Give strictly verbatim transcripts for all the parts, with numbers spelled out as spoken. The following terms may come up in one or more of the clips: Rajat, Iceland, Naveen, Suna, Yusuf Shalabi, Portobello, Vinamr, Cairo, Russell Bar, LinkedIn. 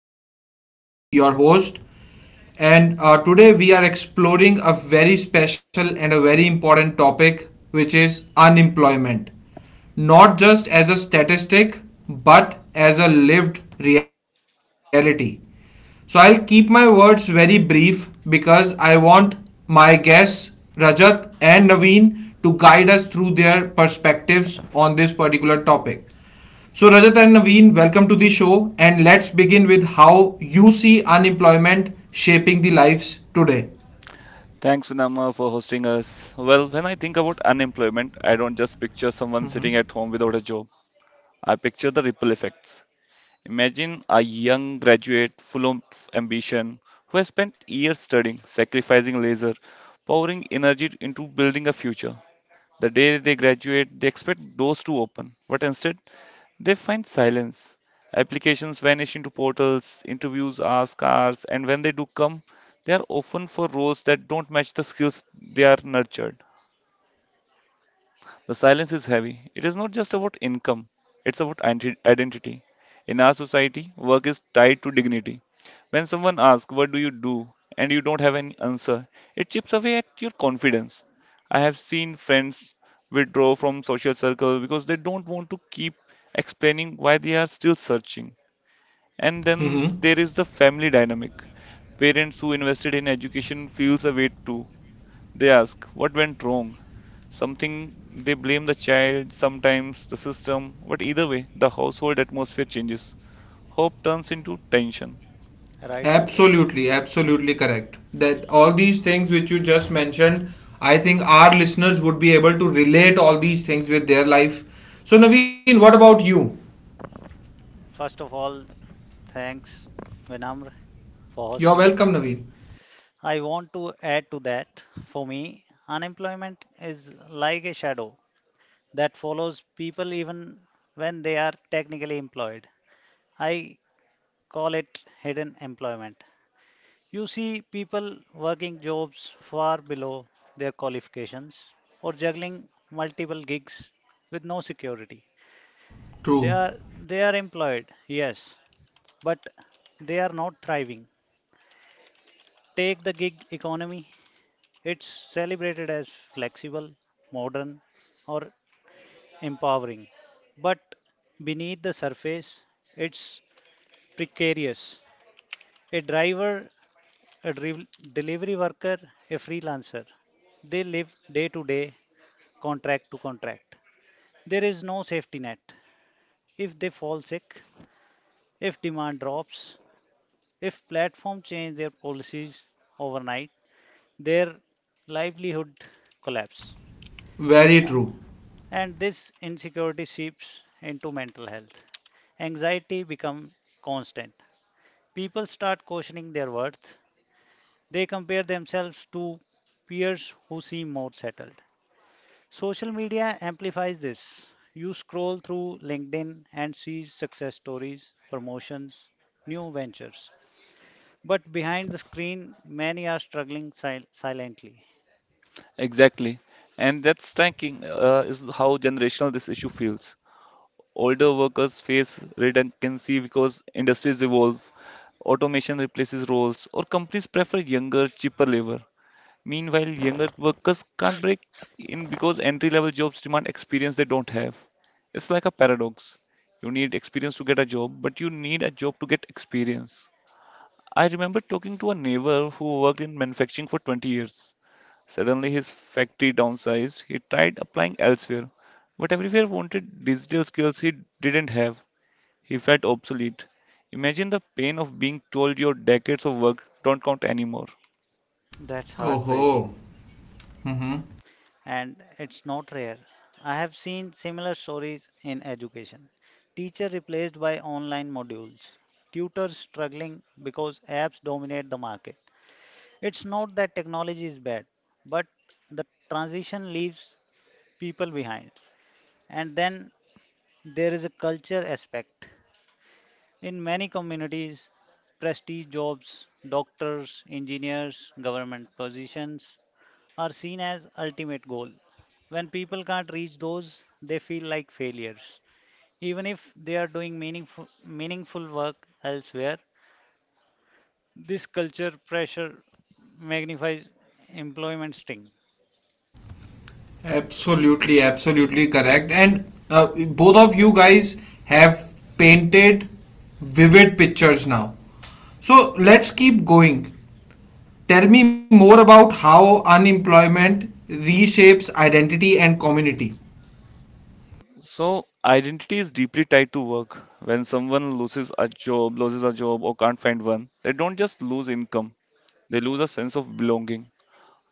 I am Vinamr, your host, and uh, today we are exploring a very special and a very important topic, which is unemployment. Not just as a statistic, but as a lived reality. So I'll keep my words very brief because I want my guests, Rajat and Naveen, to guide us through their perspectives on this particular topic. So, Rajat and Naveen, welcome to the show, and let's begin with how you see unemployment shaping the lives today. Thanks, Vinama, for hosting us. Well, when I think about unemployment, I don't just picture someone sitting at home without a job. I picture the ripple effects. Imagine a young graduate full of ambition who has spent years studying, sacrificing leisure, pouring energy into building a future. The day they graduate, they expect doors to open, but instead, they find silence. Applications vanish into portals, interviews are scarce, and when they do come, they are often for roles that don't match the skills they are nurtured. The silence is heavy. It is not just about income, it's about identi- identity. In our society, work is tied to dignity. When someone asks, "What do you do?" and you don't have any answer, it chips away at your confidence. I have seen friends withdraw from social circles because they don't want to keep explaining why they are still searching. And then Mm-hmm. there is the family dynamic. Parents who invested in education feels a weight too. They ask what went wrong. Something they blame the child, sometimes the system, but either way, the household atmosphere changes. Hope turns into tension. Right, Rajat. Absolutely, absolutely correct. That all these things which you just mentioned, I think our listeners would be able to relate all these things with their life. So, Naveen, what about you? First of all, thanks, Vinamr, for You're hosting. welcome, Naveen. I want to add to that. For me, unemployment is like a shadow that follows people even when they are technically employed. I call it hidden employment. You see people working jobs far below their qualifications or juggling multiple gigs with no security. They True, are they are employed, yes, but they are not thriving. Take the gig economy. It's celebrated as flexible, modern, or empowering. But beneath the surface, it's precarious. A driver, a driv- delivery worker, a freelancer, they live day to day, contract to contract. There is no safety net. If they fall sick, if demand drops, if platforms change their policies overnight, their livelihood collapse, very true. and this insecurity seeps into mental health. Anxiety becomes constant. People start questioning their worth. They compare themselves to peers who seem more settled. Social media amplifies this. You scroll through LinkedIn and see success stories, promotions, new ventures. But behind the screen, many are struggling sil- silently. Exactly. And that striking uh, is how generational this issue feels. Older workers face redundancy because industries evolve, automation replaces roles, or companies prefer younger, cheaper labor. Meanwhile, younger workers can't break in because entry level jobs demand experience they don't have. It's like a paradox. You need experience to get a job, but you need a job to get experience. I remember talking to a neighbor who worked in manufacturing for twenty years. Suddenly, his factory downsized. He tried applying elsewhere, but everywhere wanted digital skills he didn't have. He felt obsolete. Imagine the pain of being told your decades of work don't count anymore. That's Oh ho. heartbreaking, Mm-hmm. and it's not rare. I have seen similar stories in education. Teacher replaced by online modules, tutors struggling because apps dominate the market. It's not that technology is bad, but the transition leaves people behind. And then there is a culture aspect. In many communities, prestige jobs, doctors, engineers, government positions are seen as ultimate goal. When people can't reach those, they feel like failures. Even if they are doing meaningful, meaningful work elsewhere, this culture pressure magnifies employment sting. Absolutely, absolutely correct. And uh, both of you guys have painted vivid pictures now. So let's keep going. Tell me more about how unemployment reshapes identity and community. So identity is deeply tied to work. When someone loses a job, loses a job or can't find one, they don't just lose income, they lose a sense of belonging.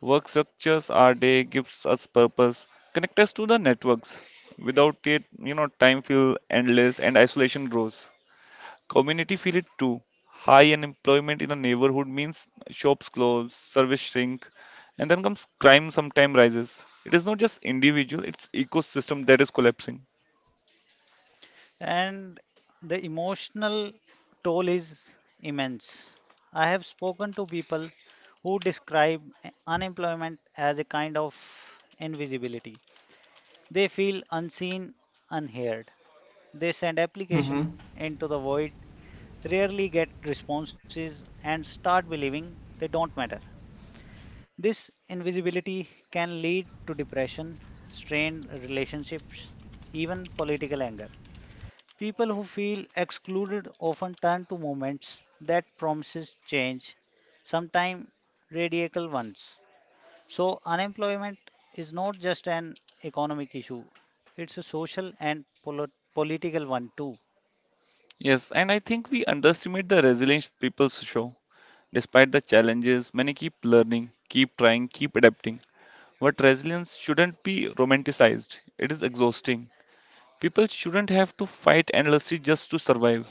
Work structures our day, gives us purpose, connect us to the networks. Without it, you know, time feels endless and isolation grows. Community feel it too. High unemployment in a neighborhood means shops close, service shrink, and then comes crime sometime rises. It is not just individual, it's ecosystem that is collapsing. And the emotional toll is immense. I have spoken to people who describe unemployment as a kind of invisibility. They feel unseen, unheard. They send application into the void, rarely get responses and start believing they don't matter. This invisibility can lead to depression, strained relationships, even political anger. People who feel excluded often turn to movements that promises change, sometimes radical ones. So unemployment is not just an economic issue, it's a social and polo- political one too. Yes, and I think we underestimate the resilience people show. Despite the challenges, many keep learning, keep trying, keep adapting. But resilience shouldn't be romanticized. It is exhausting. People shouldn't have to fight endlessly just to survive.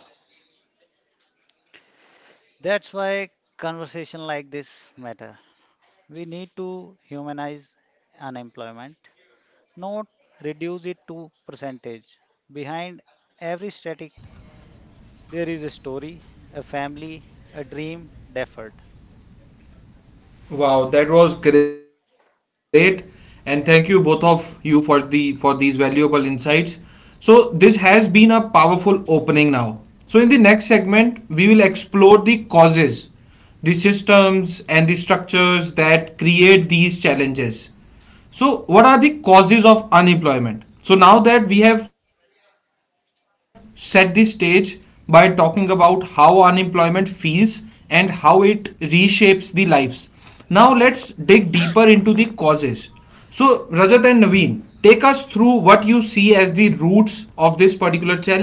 That's why conversation like this matter. We need to humanize unemployment, not reduce it to percentage. Behind every static, there is a story, a family, a dream deferred. Wow, that was great, and thank you both of you for the for these valuable insights. So this has been a powerful opening now. So in the next segment, we will explore the causes, the systems and the structures that create these challenges. So, what are the causes of unemployment? So, now that we have set the stage by talking about how unemployment feels and how it reshapes the lives, now let's dig deeper into the causes. So, Rajat and Naveen, take us through what you see as the roots of this particular challenge.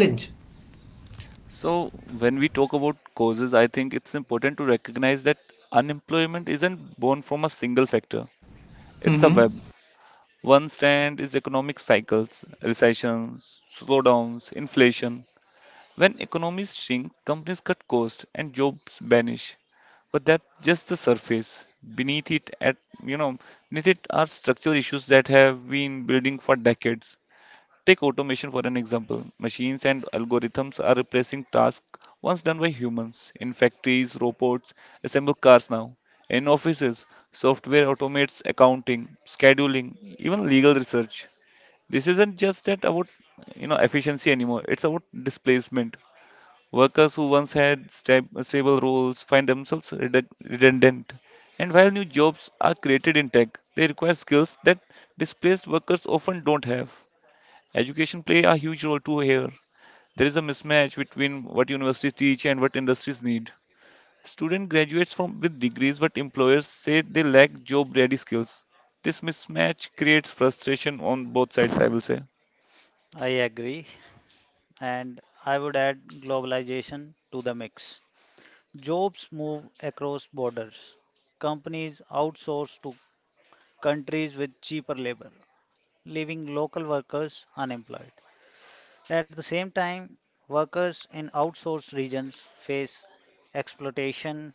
So, when we talk about causes, I think it's important to recognize that unemployment isn't born from a single factor. It's a Hmm. web. One strand is economic cycles, recessions, slowdowns, inflation. When economies shrink, companies cut costs and jobs vanish. But that's just the surface. Beneath it, at you know, beneath it are structural issues that have been building for decades. Take automation for an example. Machines and algorithms are replacing tasks once done by humans. In factories, robots assemble cars now. In offices, software automates accounting, scheduling, even legal research. This isn't just that about you know efficiency anymore. It's about displacement. Workers who once had stab- stable roles find themselves redu- redundant. And while new jobs are created in tech, they require skills that displaced workers often don't have. Education play a huge role too here. There is a mismatch between what universities teach and what industries need. Student graduates from with degrees but employers say they lack job ready skills. This mismatch creates frustration on both sides, I will say. I agree, and I would add globalization to the mix. Jobs move across borders. Companies outsource to countries with cheaper labor, leaving local workers unemployed. At the same time, workers in outsourced regions face exploitation,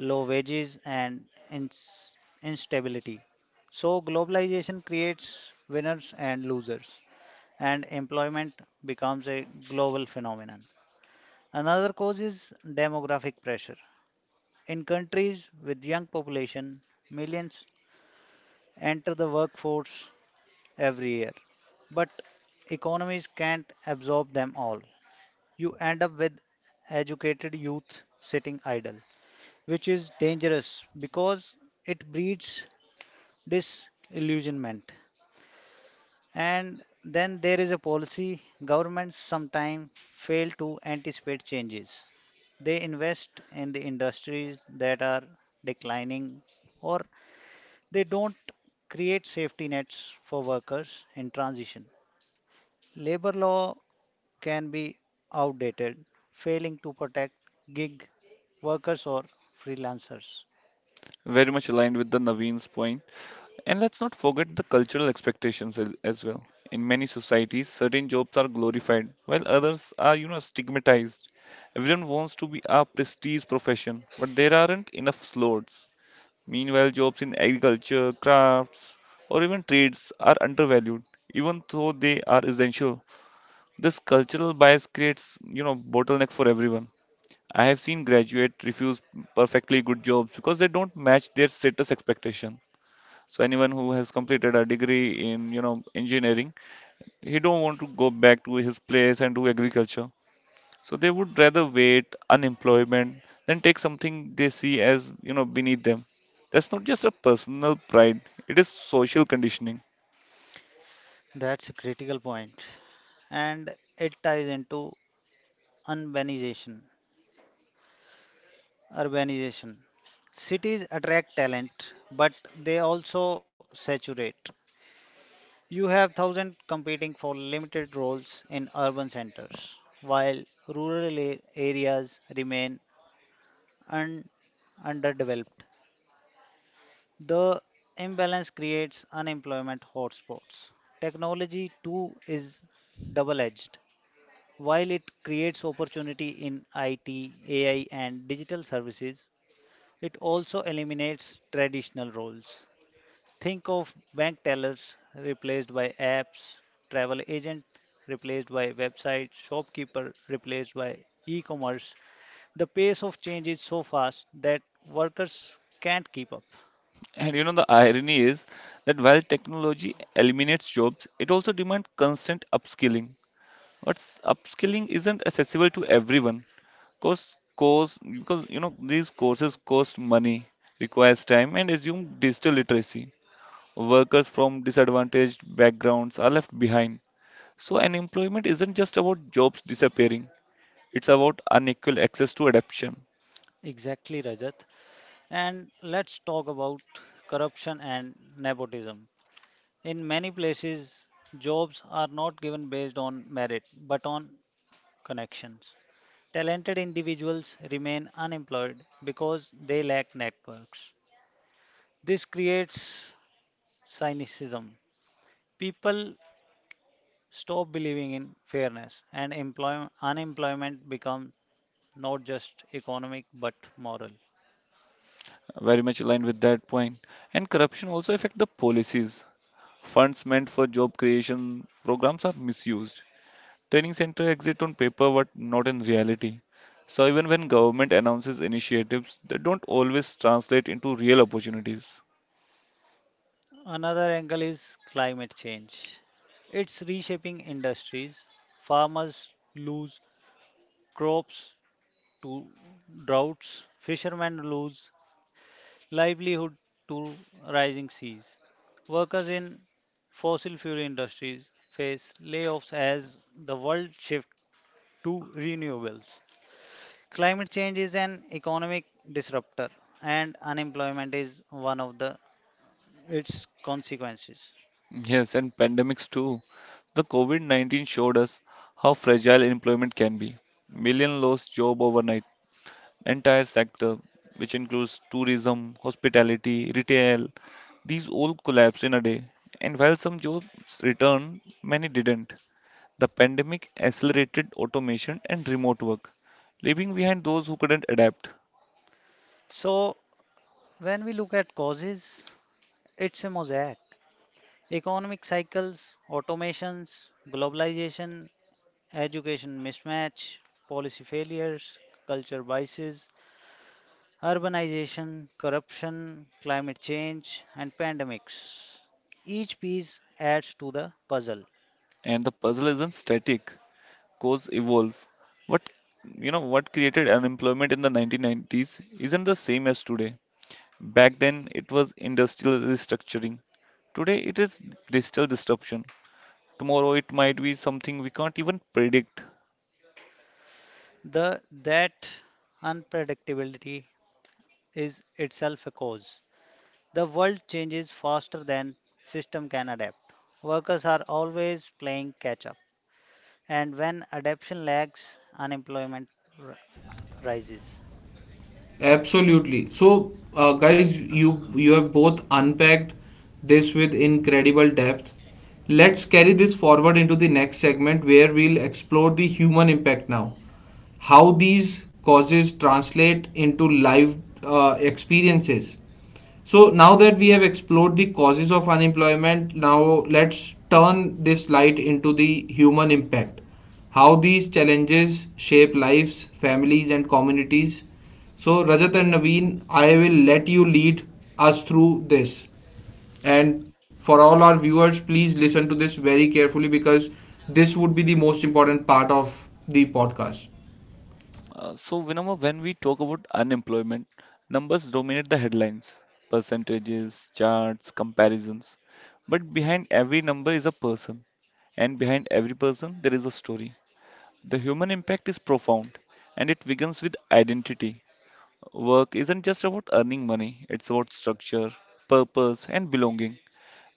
low wages, and ins- instability. So, globalization creates winners and losers, and employment becomes a global phenomenon. Another cause is demographic pressure. In countries with young population, millions enter the workforce every year, but economies can't absorb them all. You end up with educated youth sitting idle, which is dangerous because it breeds disillusionment. And then there is a policy governments sometimes fail to anticipate changes. They invest in the industries that are declining, or they don't create safety nets for workers in transition. Labor law can be outdated, failing to protect gig workers or freelancers. Very much aligned with the Naveen's point. And let's not forget the cultural expectations as, as well. In many societies, certain jobs are glorified while others are, you know, stigmatized. Everyone wants to be a prestige profession, but there aren't enough slots. Meanwhile, jobs in agriculture, crafts, or even trades are undervalued, even though they are essential. This cultural bias creates, you know, bottleneck for everyone. I have seen graduates refuse perfectly good jobs because they don't match their status expectation. So anyone who has completed a degree in, you know, engineering, he don't want to go back to his place and do agriculture. So they would rather wait unemployment than take something they see as, you know, beneath them. That's not just a personal pride, it is social conditioning. That's a critical point. And it ties into urbanization. Urbanization. Cities attract talent, but they also saturate. You have thousands competing for limited roles in urban centers, while rural a- areas remain un- underdeveloped. The imbalance creates unemployment hotspots. Technology too is double edged. While it creates opportunity in I T, A I, and digital services, it also eliminates traditional roles. Think of bank tellers replaced by apps, travel agent replaced by websites, shopkeeper replaced by e commerce. The pace of change is so fast that workers can't keep up. And you know, the irony is that while technology eliminates jobs, it also demands constant upskilling. But s- upskilling isn't accessible to everyone. Course, course, because you know these courses cost money, requires time, and assume digital literacy. Workers from disadvantaged backgrounds are left behind. So, unemployment isn't just about jobs disappearing; it's about unequal access to adoption. Exactly, Rajat. And let's talk about corruption and nepotism. In many places, jobs are not given based on merit but on connections. Talented individuals remain unemployed because they lack networks. This creates cynicism. People stop believing in fairness, and employ- unemployment becomes not just economic but moral. Very much aligned with that point. And corruption also affect the policies. Funds meant for job creation programs are misused. Training center exist on paper but not in reality. So even when government announces initiatives, they don't always translate into real opportunities. Another angle is climate change. It's reshaping industries. Farmers lose crops to droughts, fishermen lose livelihood to rising seas. Workers in fossil fuel industries face layoffs as the world shifts to renewables. Climate change is an economic disruptor, and unemployment is one of the its consequences. Yes, and pandemics too. The COVID nineteen showed us how fragile employment can be. Million lost job overnight. Entire sector, which includes tourism, hospitality, retail, these all collapsed in a day. And while some jobs returned, many didn't. The pandemic accelerated automation and remote work, leaving behind those who couldn't adapt. So when we look at causes, it's a mosaic. Economic cycles, automations, globalization, education mismatch, policy failures, culture biases, urbanization, corruption, climate change, and pandemics. Each piece adds to the puzzle. And the puzzle isn't static, cause evolve. What you know what created unemployment in the nineteen nineties isn't the same as today. Back then it was industrial restructuring. Today it is digital disruption. Tomorrow it might be something we can't even predict. The that unpredictability is itself a cause. The world changes faster than system can adapt. Workers are always playing catch up. And when adaptation lags, unemployment r- rises. Absolutely. So, uh, guys, you you have both unpacked this with incredible depth. Let's carry this forward into the next segment where we'll explore the human impact now. How these causes translate into live uh, experiences. So now that we have explored the causes of unemployment, now let's turn this light into the human impact. How these challenges shape lives, families, and communities. So, Rajat and Naveen, I will let you lead us through this. And for all our viewers, please listen to this very carefully because this would be the most important part of the podcast. Uh, so, Vinamra, when we talk about unemployment, numbers dominate the headlines, percentages, charts, comparisons. But behind every number is a person, and behind every person, there is a story. The human impact is profound, and it begins with identity. Work isn't just about earning money, it's about structure, purpose, and belonging.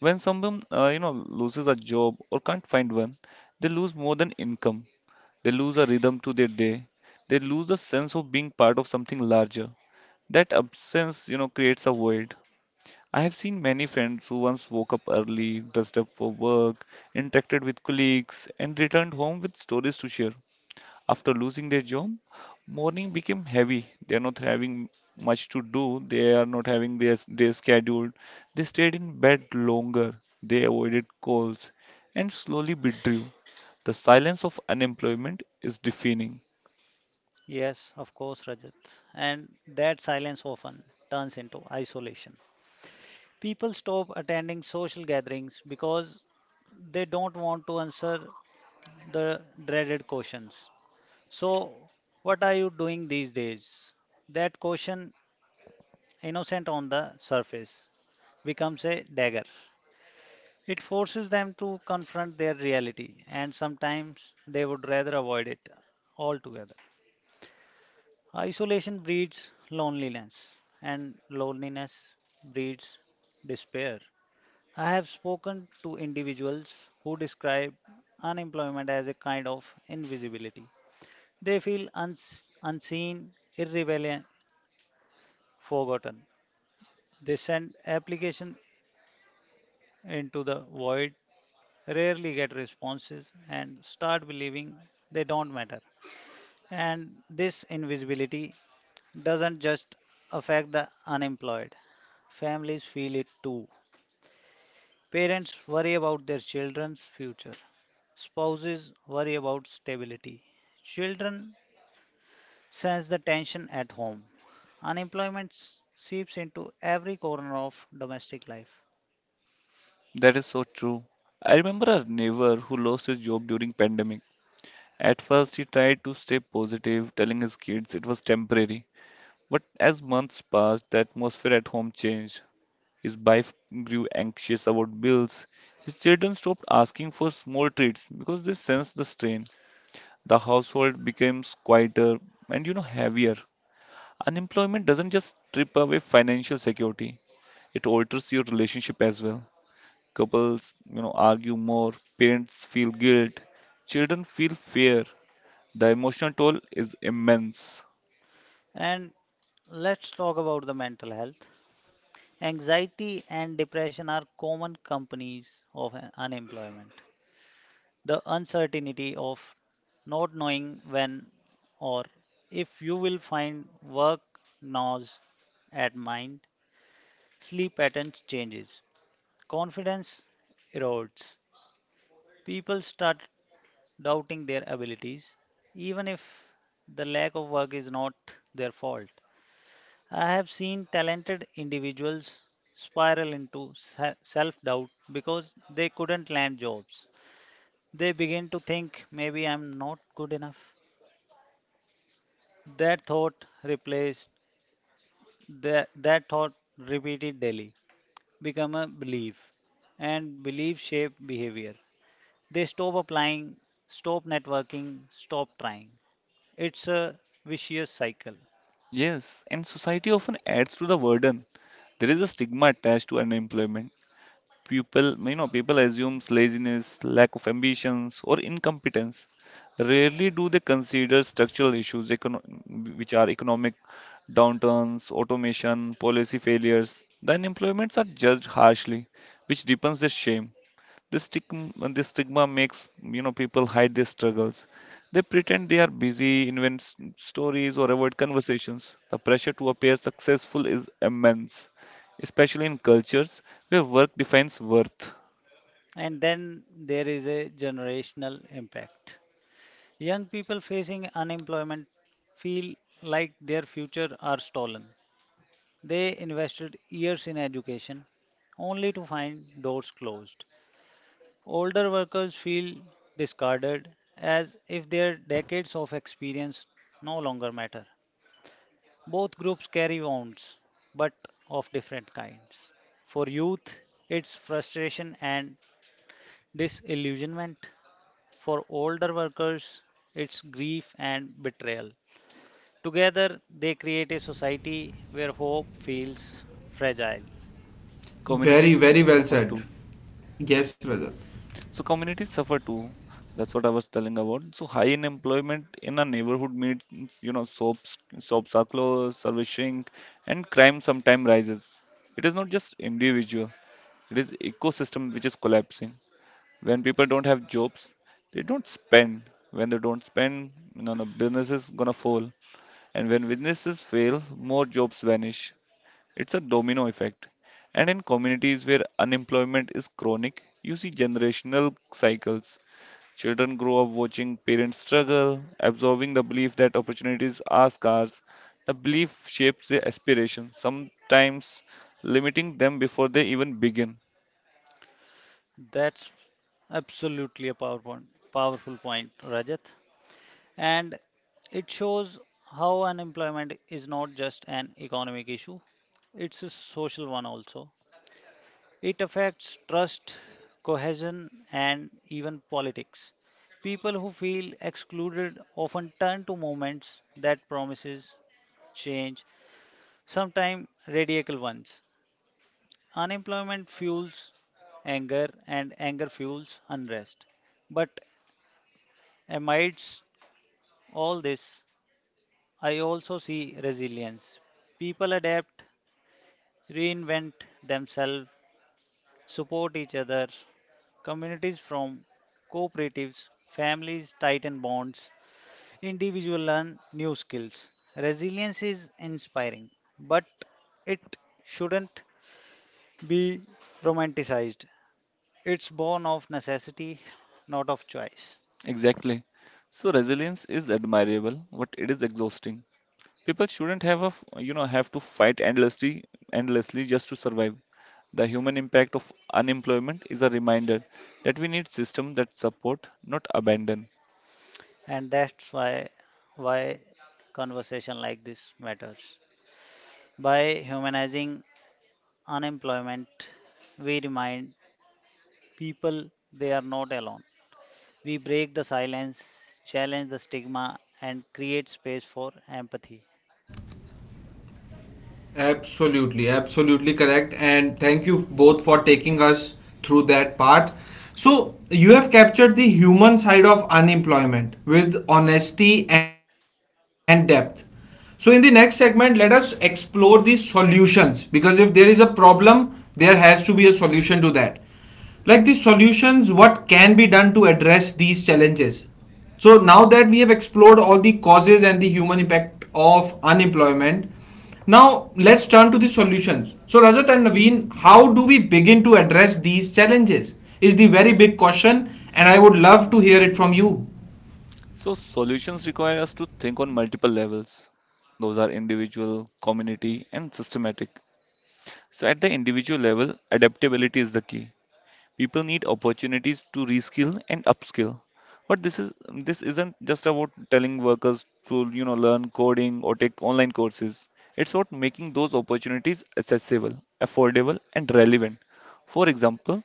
When someone, uh, you know, loses a job or can't find one, they lose more than income. They lose a rhythm to their day. They lose the sense of being part of something larger. That absence, you know, creates a void. I have seen many friends who once woke up early, dressed up for work, interacted with colleagues, and returned home with stories to share. After losing their job, morning became heavy. They are not having much to do. They are not having their day scheduled. They stayed in bed longer. They avoided calls and slowly withdrew. The silence of unemployment is deafening. Yes, of course, Rajat. And that silence often turns into isolation. People stop attending social gatherings because they don't want to answer the dreaded questions. So, what are you doing these days? That question, innocent on the surface, becomes a dagger. It forces them to confront their reality, and sometimes they would rather avoid it altogether. Isolation breeds loneliness, and loneliness breeds despair. I have spoken to individuals who describe unemployment as a kind of invisibility. They feel uns- unseen, irrelevant, forgotten. They send application into the void, rarely get responses and start believing they don't matter. And this invisibility doesn't just affect the unemployed, families feel it too. Parents worry about their children's future, spouses worry about stability, children sense the tension at home. Unemployment seeps into every corner of domestic life. That is so true. I remember a neighbor who lost his job during pandemic. At first, he tried to stay positive, telling his kids it was temporary. But as months passed, the atmosphere at home changed. His wife grew anxious about bills. His children stopped asking for small treats because they sensed the strain. The household becomes quieter and you know heavier. Unemployment doesn't just strip away financial security, it alters your relationship as well. Couples, you know, argue more, parents feel guilt, children feel fear. The emotional toll is immense. And let's talk about the mental health. Anxiety and depression are common companies of un- unemployment. The uncertainty of not knowing when or if you will find work gnaws at mind, sleep patterns changes, confidence erodes. People start doubting their abilities, even if the lack of work is not their fault. I have seen talented individuals spiral into self doubt because they couldn't land jobs. They begin to think maybe I'm not good enough. That thought replaced that, that thought repeated daily become a belief, and belief shape behavior. They stop applying, stop networking, stop trying. It's a vicious cycle. Yes, and society often adds to the burden. There is a stigma attached to unemployment. People, you know, people assumes laziness, lack of ambitions, or incompetence. Rarely do they consider structural issues, econo which are economic downturns, automation, policy failures. The unemployments are judged harshly, which deepens their shame. This stigma, this stigma makes you know people hide their struggles. They pretend they are busy, invent s- stories, or avoid conversations. The pressure to appear successful is immense, especially in cultures where work defines worth. And then there is a generational impact. Young people facing unemployment feel like their future are stolen. They invested years in education only to find doors closed. Older workers feel discarded as if their decades of experience no longer matter. Both groups carry wounds, but of different kinds. For youth, it's frustration and disillusionment. For older workers, it's grief and betrayal. Together, they create a society where hope feels fragile. Very, Communities very well suffer too. said. Yes, Rajat. So communities suffer too. That's what I was telling about. So high unemployment in a neighborhood means you know shops, soaps are closed, service shrink, and crime sometimes rises. It is not just individual. It is ecosystem which is collapsing. When people don't have jobs, they don't spend. When they don't spend, you know, the business is gonna fall. And when businesses fail, more jobs vanish. It's a domino effect. And in communities where unemployment is chronic, you see generational cycles. Children grow up watching parents struggle, absorbing the belief that opportunities are scarce. The belief shapes their aspirations, sometimes limiting them before they even begin. That's absolutely a powerful, powerful point, Rajat. And it shows how unemployment is not just an economic issue, it's a social one also. It affects trust, cohesion, and even politics. People who feel excluded often turn to movements that promises change, sometimes radical ones. Unemployment fuels anger, and anger fuels unrest. But amidst all this, I also see resilience. People adapt, reinvent themselves, support each other. Communities form cooperatives, families tighten bonds, individuals learn new skills. Resilience is inspiring, but it shouldn't be romanticized. It's born of necessity, not of choice. Exactly. So resilience is admirable, but it is exhausting. People shouldn't have a, f- you know, have to fight endlessly, endlessly just to survive. The human impact of unemployment is a reminder that we need systems that support, not abandon. And that's why why conversation like this matters. By humanizing unemployment, we remind people they are not alone. We break the silence, challenge the stigma and create space for empathy. Absolutely, absolutely correct. And thank you both for taking us through that part. So, you have captured the human side of unemployment with honesty and depth. So, in the next segment, let us explore the solutions, because if there is a problem, there has to be a solution to that, like the solutions what can be done to address these challenges. So now that we have explored all the causes and the human impact of unemployment, now let's turn to the solutions. So, Rajat and Naveen, how do we begin to address these challenges is the very big question, and I would love to hear it from you. So solutions require us to think on multiple levels. Those are individual, community, and systematic. So at the individual level, adaptability is the key. People need opportunities to reskill and upskill. But this is This isn't just about telling workers to you know learn coding or take online courses. It's about making those opportunities accessible, affordable, and relevant. For example,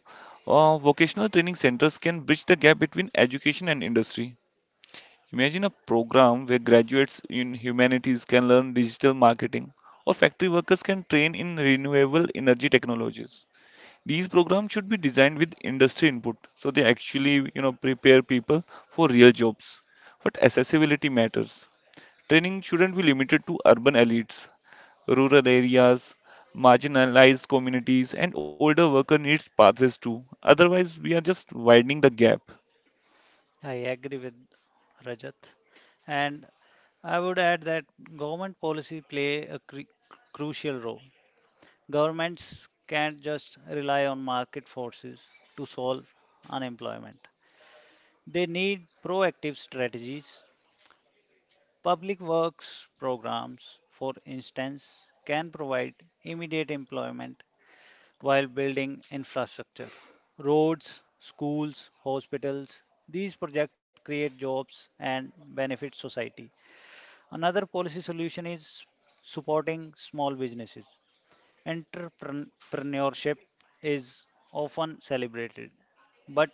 uh, vocational training centers can bridge the gap between education and industry. Imagine a program where graduates in humanities can learn digital marketing, or factory workers can train in renewable energy technologies. These programs should be designed with industry input, so they actually, you know, prepare people for real jobs. But accessibility matters. Training shouldn't be limited to urban elites, rural areas, marginalized communities, and older worker needs pathways too. Otherwise, we are just widening the gap. I agree with Rajat. And I would add that government policy play a cru- crucial role. Governments can't just rely on market forces to solve unemployment. They need proactive strategies. Public works programs, for instance, can provide immediate employment while building infrastructure. Roads, schools, hospitals, these projects create jobs and benefit society. Another policy solution is supporting small businesses. Entrepreneurship is often celebrated, but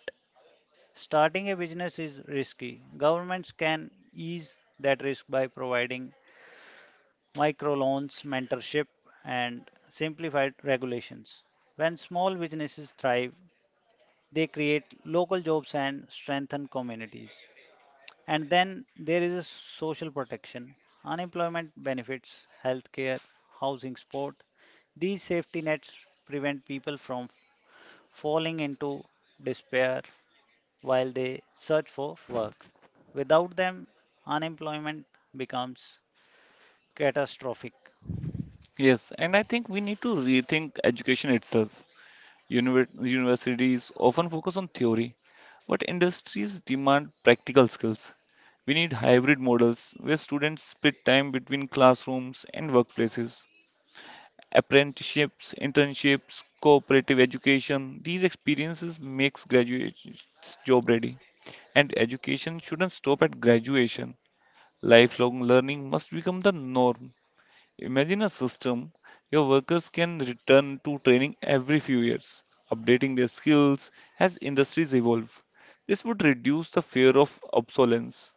starting a business is risky. Governments can ease that risk by providing microloans, mentorship, and simplified regulations. When small businesses thrive, they create local jobs and strengthen communities. And then there is a social protection, unemployment benefits, healthcare, housing support. These safety nets prevent people from falling into despair while they search for work. Without them, unemployment becomes catastrophic. Yes, and I think we need to rethink education itself. Univer- universities often focus on theory, but industries demand practical skills. We need hybrid models where students split time between classrooms and workplaces. Apprenticeships, internships, cooperative education, these experiences makes graduates job ready. And education shouldn't stop at graduation. Lifelong learning must become the norm. Imagine a system your workers can return to training every few years, updating their skills as industries evolve. This would reduce the fear of obsolescence.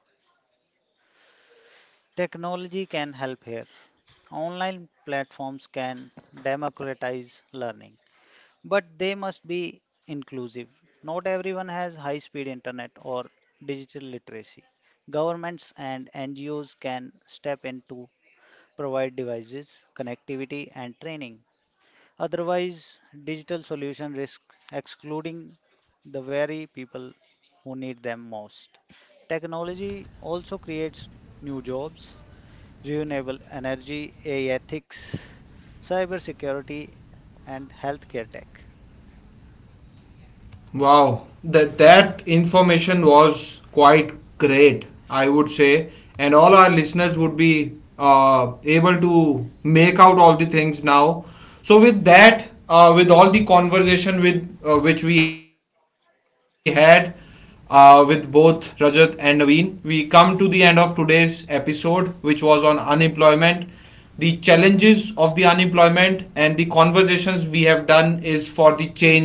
Technology can help here. Online platforms can democratize learning, but they must be inclusive. Not everyone has high speed internet or digital literacy. Governments and N G Os can step in to provide devices, connectivity, and training. Otherwise, digital solution risk excluding the very people who need them most. Technology also creates new jobs, renewable energy, A I ethics, cybersecurity, and healthcare tech. Wow, that that information was quite great, I would say, and all our listeners would be uh, able to make out all the things now. So with that, uh, with all the conversation with uh, which we had uh, with both Rajat and Naveen, we come to the end of today's episode, which was on unemployment, the challenges of the unemployment, and the conversations we have done is for the change now.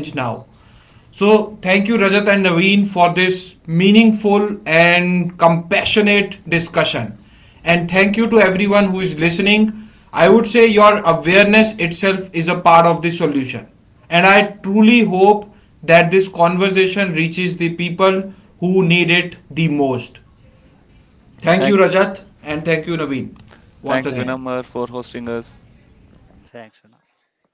So, thank you, Rajat and Naveen, for this meaningful and compassionate discussion. And thank you to everyone who is listening. I would say your awareness itself is a part of the solution. And I truly hope that this conversation reaches the people who need it the most. Thank you, Thank, Rajat, and thank you, Naveen, once thanks, again. Thank, Vinamar, for hosting us. Thanks, Thank you, Suna. guys.